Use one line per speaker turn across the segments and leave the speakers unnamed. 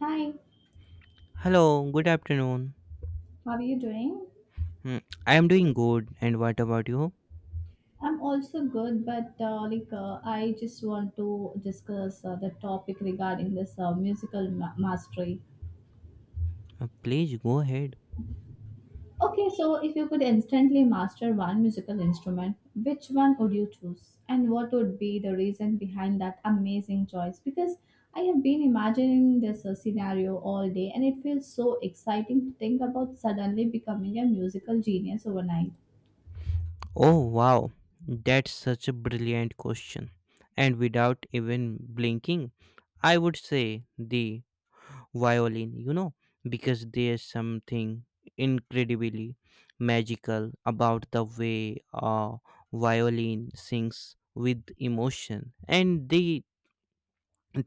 Hi,
Hello, good afternoon.
how are you doing?
Hmm, I am doing good, and what about you?
I'm also good, but I just want to discuss the topic regarding this musical mastery.
Please go ahead.
Okay, so if you could instantly master one musical instrument, which one would you choose, and what would be the reason behind that amazing choice? Because I have been imagining this scenario all day, and it feels so exciting to think about suddenly becoming a musical genius overnight.
Oh, wow, that's such a brilliant question. And without even blinking, I would say the violin, you know, because there's something incredibly magical about the way a violin sings with emotion and the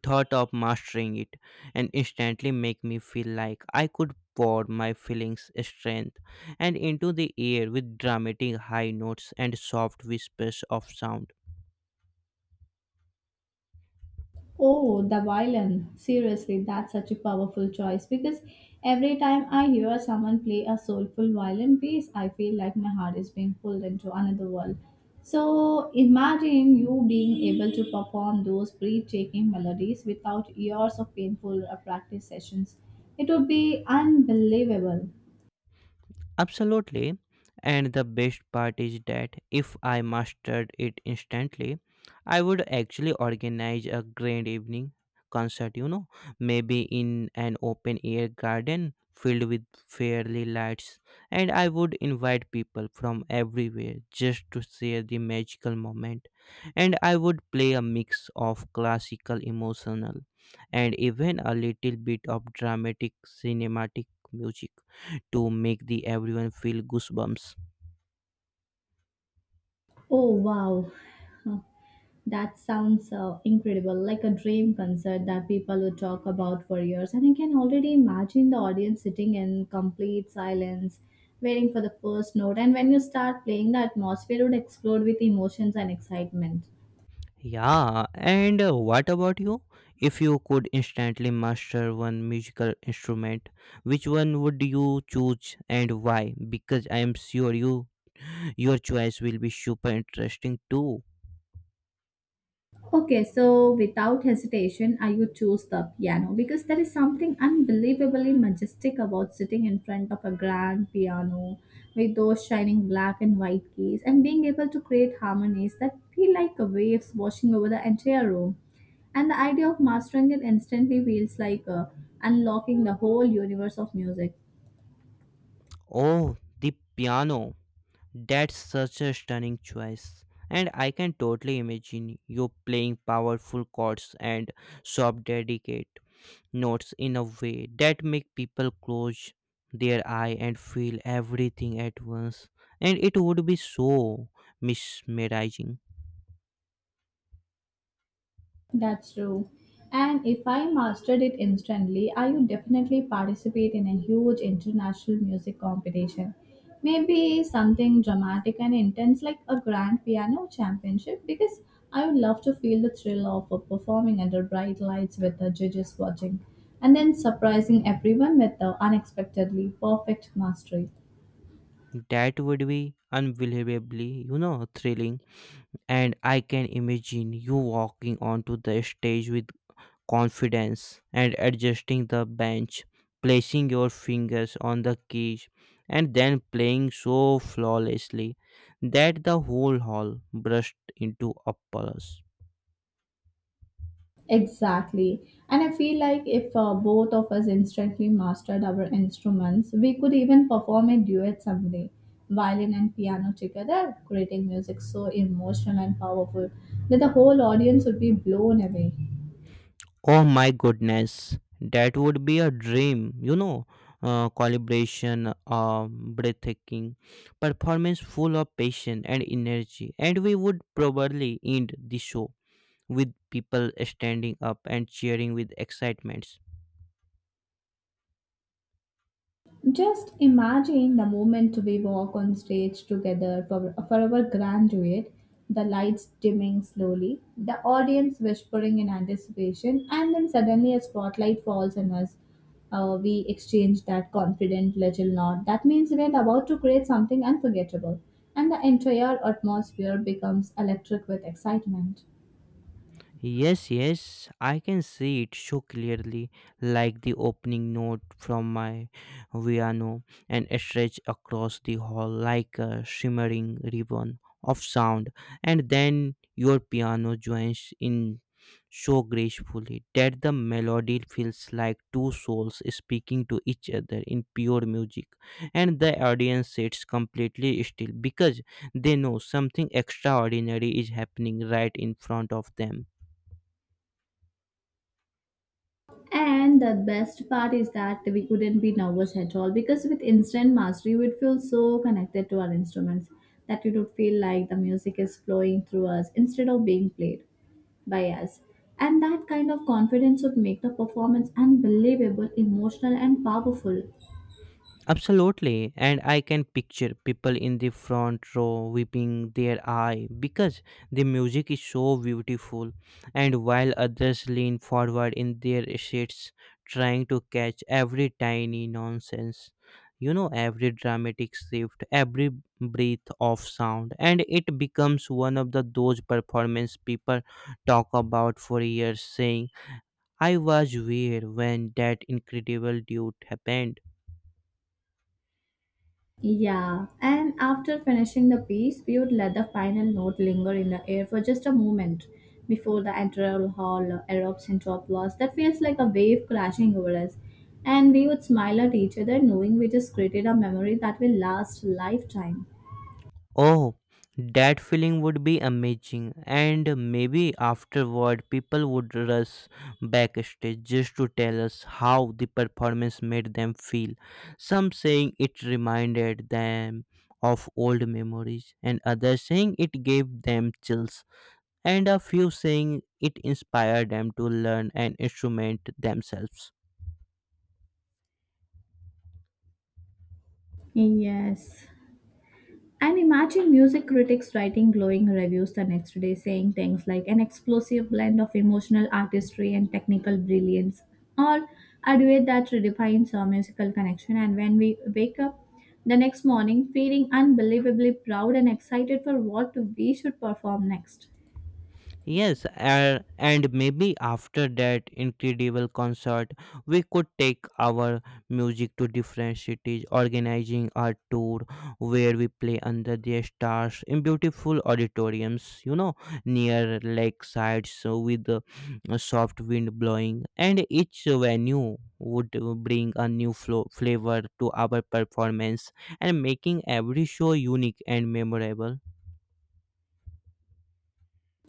thought of mastering it and instantly make me feel like I could pour my feelings strength and into the air with dramatic high notes and soft whispers of sound.
Oh, the violin. Seriously, that's such a powerful choice because every time I hear someone play a soulful violin piece, I feel like my heart is being pulled into another world. So imagine you being able to perform those breathtaking melodies without years of painful practice sessions. It would be unbelievable.
Absolutely. And the best part is that if I mastered it instantly, I would actually organize a grand evening concert, you know, maybe in an open air garden filled with fairy lights. And I would invite people from everywhere just to share the magical moment. And I would play a mix of classical, emotional, and even a little bit of dramatic cinematic music to make the everyone feel goosebumps.
Oh, wow. That sounds incredible, like a dream concert that people would talk about for years. And I can already imagine the audience sitting in complete silence, waiting for the first note. And when you start playing, the atmosphere would explode with emotions and excitement.
Yeah, and what about you? If you could instantly master one musical instrument, which one would you choose and why? Because I am sure your choice will be super interesting too.
Okay, so without hesitation, I would choose the piano because there is something unbelievably majestic about sitting in front of a grand piano with those shining black and white keys and being able to create harmonies that feel like waves washing over the entire room. And the idea of mastering it instantly feels like unlocking the whole universe of music.
Oh, the piano. That's such a stunning choice. And I can totally imagine you playing powerful chords and soft dedicate notes in a way that make people close their eye and feel everything at once, and it would be so mesmerizing.
That's true. And if I mastered it instantly, I would definitely participate in a huge international music competition. Maybe something dramatic and intense like a grand piano championship because I would love to feel the thrill of performing under bright lights with the judges watching and then surprising everyone with the unexpectedly perfect mastery.
That would be unbelievably, you know, thrilling, and I can imagine you walking onto the stage with confidence and adjusting the bench, placing your fingers on the keys, and then playing so flawlessly that the whole hall burst into applause.
Exactly. And I feel like if both of us instantly mastered our instruments, we could even perform a duet someday. Violin and piano together, creating music so emotional and powerful that the whole audience would be blown away.
Oh my goodness, that would be a dream, you know. Calibration, breathtaking performance full of passion and energy, and we would probably end the show with people standing up and cheering with excitement.
Just imagine the moment we walk on stage together for our graduate, the lights dimming slowly, the audience whispering in anticipation, and then suddenly a spotlight falls on us. We exchange that confident little nod. That means we're about to create something unforgettable, and the entire atmosphere becomes electric with excitement.
Yes, yes, I can see it so clearly, like the opening note from my piano and stretch across the hall like a shimmering ribbon of sound, and then your piano joins in so gracefully that the melody feels like two souls speaking to each other in pure music, and the audience sits completely still because they know something extraordinary is happening right in front of them.
And the best part is that we couldn't be nervous at all because with instant mastery, we'd feel so connected to our instruments that it would feel like the music is flowing through us instead of being played by us. And that kind of confidence would make the performance unbelievable, emotional, and powerful.
Absolutely, and I can picture people in the front row weeping their eye because the music is so beautiful, and while others lean forward in their seats trying to catch every tiny nonsense, you know, every dramatic shift, every breath of sound, and it becomes one of the those performance people talk about for years, saying, "I was there when that incredible dude happened."
Yeah, and after finishing the piece, we would let the final note linger in the air for just a moment before the entire hall erupts into applause that feels like a wave crashing over us. And we would smile at each other, knowing we just created a memory that will last a lifetime.
Oh, that feeling would be amazing. And maybe afterward, people would rush backstage just to tell us how the performance made them feel. Some saying it reminded them of old memories, and others saying it gave them chills, and a few saying it inspired them to learn an instrument themselves.
Yes. And imagine music critics writing glowing reviews the next day saying things like an explosive blend of emotional artistry and technical brilliance, or a duet that redefines our musical connection. And when we wake up the next morning feeling unbelievably proud and excited for what we should perform next.
Yes, and maybe after that incredible concert, we could take our music to different cities, organizing a tour where we play under the stars in beautiful auditoriums, you know, near lakesides so with a soft wind blowing, and each venue would bring a new flavor to our performance and making every show unique and memorable.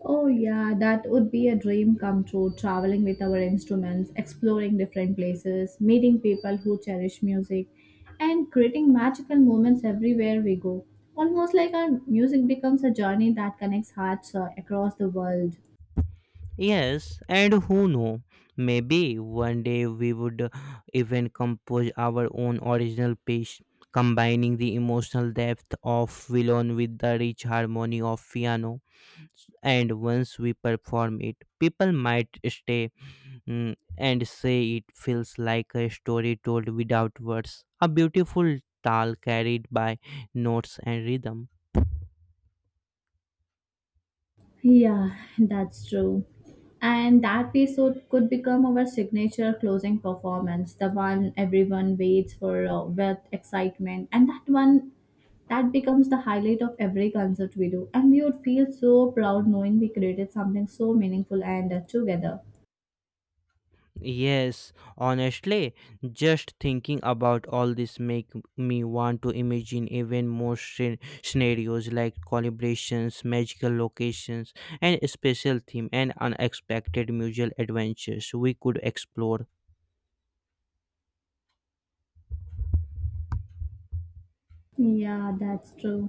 Oh, yeah, that would be a dream come true, traveling with our instruments, exploring different places, meeting people who cherish music, and creating magical moments everywhere we go. Almost like our music becomes a journey that connects hearts across the world.
Yes, and who know, maybe one day we would even compose our own original piece, combining the emotional depth of violin with the rich harmony of piano. And once we perform it, people might stay, mm, and say it feels like a story told without words, a beautiful tale carried by notes and rhythm.
Yeah, that's true. And that piece would, could become our signature closing performance, the one everyone waits for with excitement, and that one that becomes the highlight of every concert we do, and we would feel so proud knowing we created something so meaningful and together.
Yes, honestly, just thinking about all this make me want to imagine even more scenarios like collaborations, magical locations, and special theme and unexpected mutual adventures we could explore.
Yeah, that's true.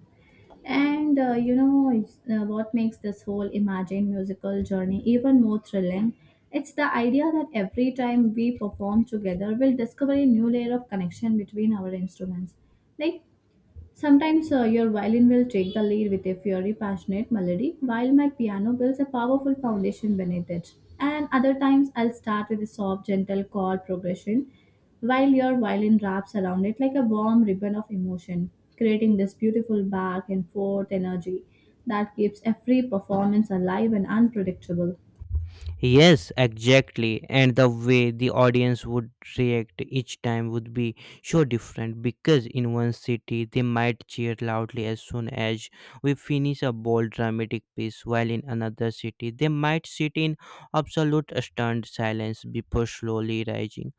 And what makes this whole imagine musical journey even more thrilling? It's the idea that every time we perform together, we'll discover a new layer of connection between our instruments. Like sometimes your violin will take the lead with a fiery, passionate melody, while my piano builds a powerful foundation beneath it. And other times, I'll start with a soft, gentle chord progression, while your violin wraps around it like a warm ribbon of emotion, creating this beautiful back and forth energy that keeps every performance alive and unpredictable.
Yes, exactly. And the way the audience would react each time would be so different because in one city they might cheer loudly as soon as we finish a bold dramatic piece, while in another city they might sit in absolute stunned silence before slowly rising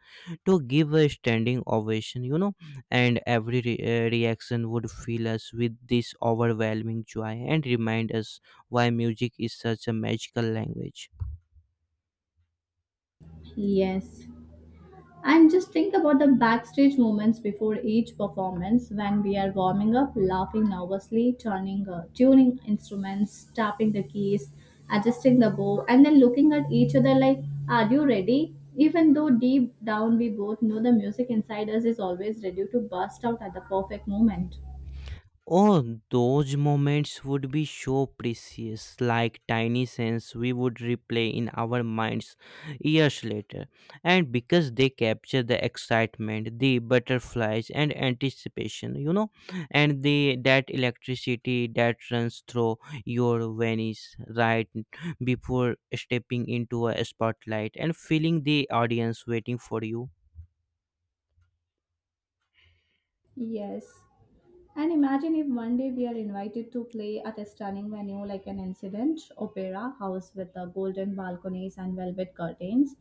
to give a standing ovation, you know. And every reaction would fill us with this overwhelming joy and remind us why music is such a magical language.
Yes. And just think about the backstage moments before each performance when we are warming up, laughing nervously, tuning instruments, tapping the keys, adjusting the bow, and then looking at each other like, are you ready? Even though deep down we both know the music inside us is always ready to burst out at the perfect moment.
Oh, those moments would be so precious, like tiny scenes we would replay in our minds years later. And because they capture the excitement, the butterflies, and anticipation, you know, and the that electricity that runs through your veins right before stepping into a spotlight and feeling the audience waiting for you.
Yes. And imagine if one day we are invited to play at a stunning venue like an incident opera house with the golden balconies and velvet curtains,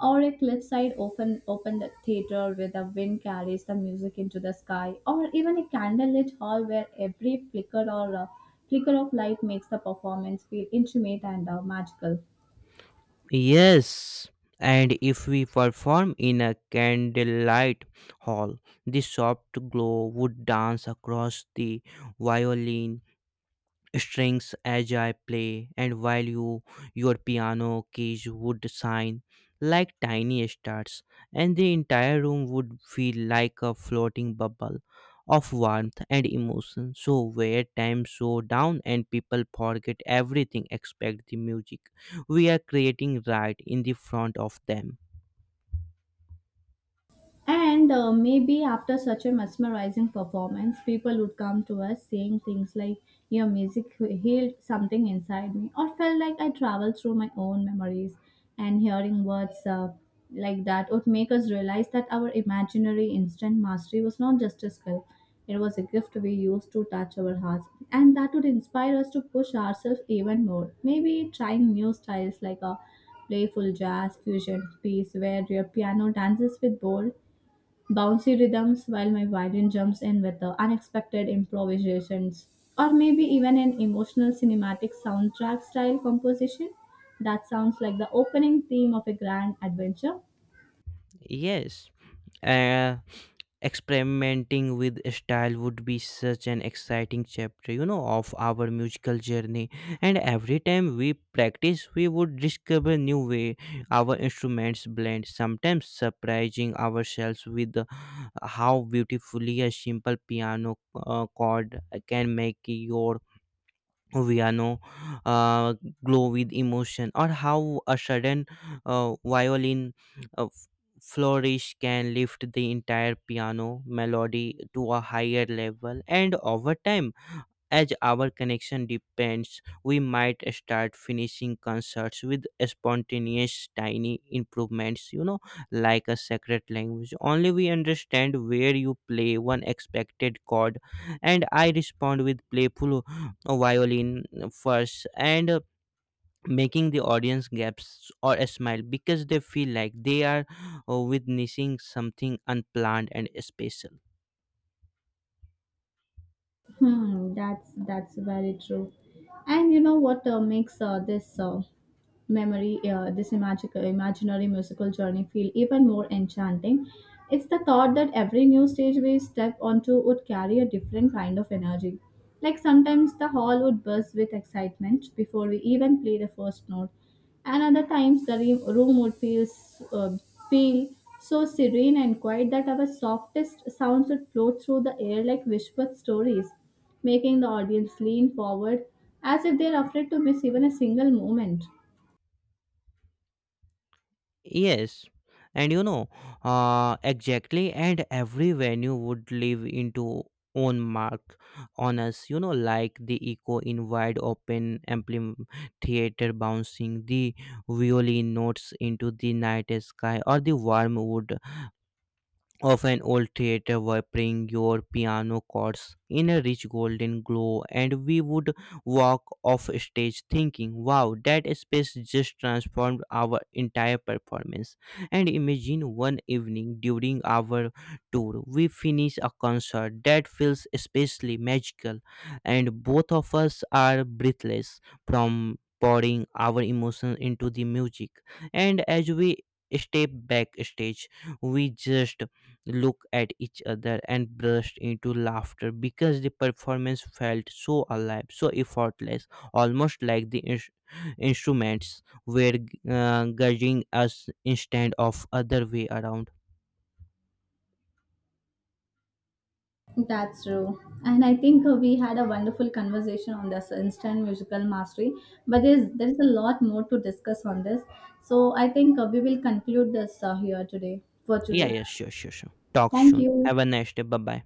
or a cliffside open theater where the wind carries the music into the sky, or even a candlelit hall where every flicker of light makes the performance feel intimate and magical.
Yes, and if we perform in a candlelight hall, the soft glow would dance across the violin strings as I play, and while your piano keys would shine like tiny stars, and the entire room would feel like a floating bubble of warmth and emotion. So where time slow down and people forget everything except the music we are creating right in the front of them.
And maybe after such a mesmerizing performance, people would come to us saying things like, your music healed something inside me, or felt like I traveled through my own memories. And hearing words like that would make us realize that our imaginary instant mastery was not just a skill, it was a gift we used to touch our hearts. And that would inspire us to push ourselves even more. Maybe trying new styles like a playful jazz fusion piece where your piano dances with bold bouncy rhythms while my violin jumps in with the unexpected improvisations, or maybe even an emotional cinematic soundtrack style composition that sounds like the opening theme of a grand adventure.
Yes. Uh, Experimenting with style would be such an exciting chapter, you know, of our musical journey, and every time we practice we would discover new way our instruments blend, sometimes surprising ourselves with how beautifully a simple piano chord can make your Viano uh, glow with emotion, or how a sudden violin uh, f- flourish can lift the entire piano melody to a higher level. And over time, as our connection depends, we might start finishing concerts with spontaneous tiny improvements, you know, like a secret language. Only we understand where you play one expected chord, and I respond with playful violin first and making the audience gasp or a smile because they feel like they are witnessing something unplanned and special.
Hmm, that's very true. And you know what makes this magical, imaginary musical journey feel even more enchanting? It's the thought that every new stage we step onto would carry a different kind of energy. Like sometimes the hall would buzz with excitement before we even play the first note, and other times the re- room would feel s- feel so serene and quiet that our softest sounds would float through the air like whispered stories, making the audience lean forward as if they're afraid to miss even a single moment.
Yes, and you know, exactly, and every venue would leave into own mark on us. You know, like the echo in wide open ampli theater bouncing the violin notes into the night sky, or the warm wood of an old theater were your piano chords in a rich golden glow, and we would walk off stage thinking, wow, that space just transformed our entire performance. And imagine one evening during our tour we finish a concert that feels especially magical, and both of us are breathless from pouring our emotions into the music, and as we step backstage, we just looked at each other and burst into laughter because the performance felt so alive, so effortless, almost like the instruments were guiding us instead of other way around.
That's true. And I think we had a wonderful conversation on this instant musical mastery, but there is a lot more to discuss on this. So I think we will conclude this here today for
Yeah,
today.
yeah, sure, sure, sure. Talk
Thank
soon. Have a
you.
nice day. Bye bye.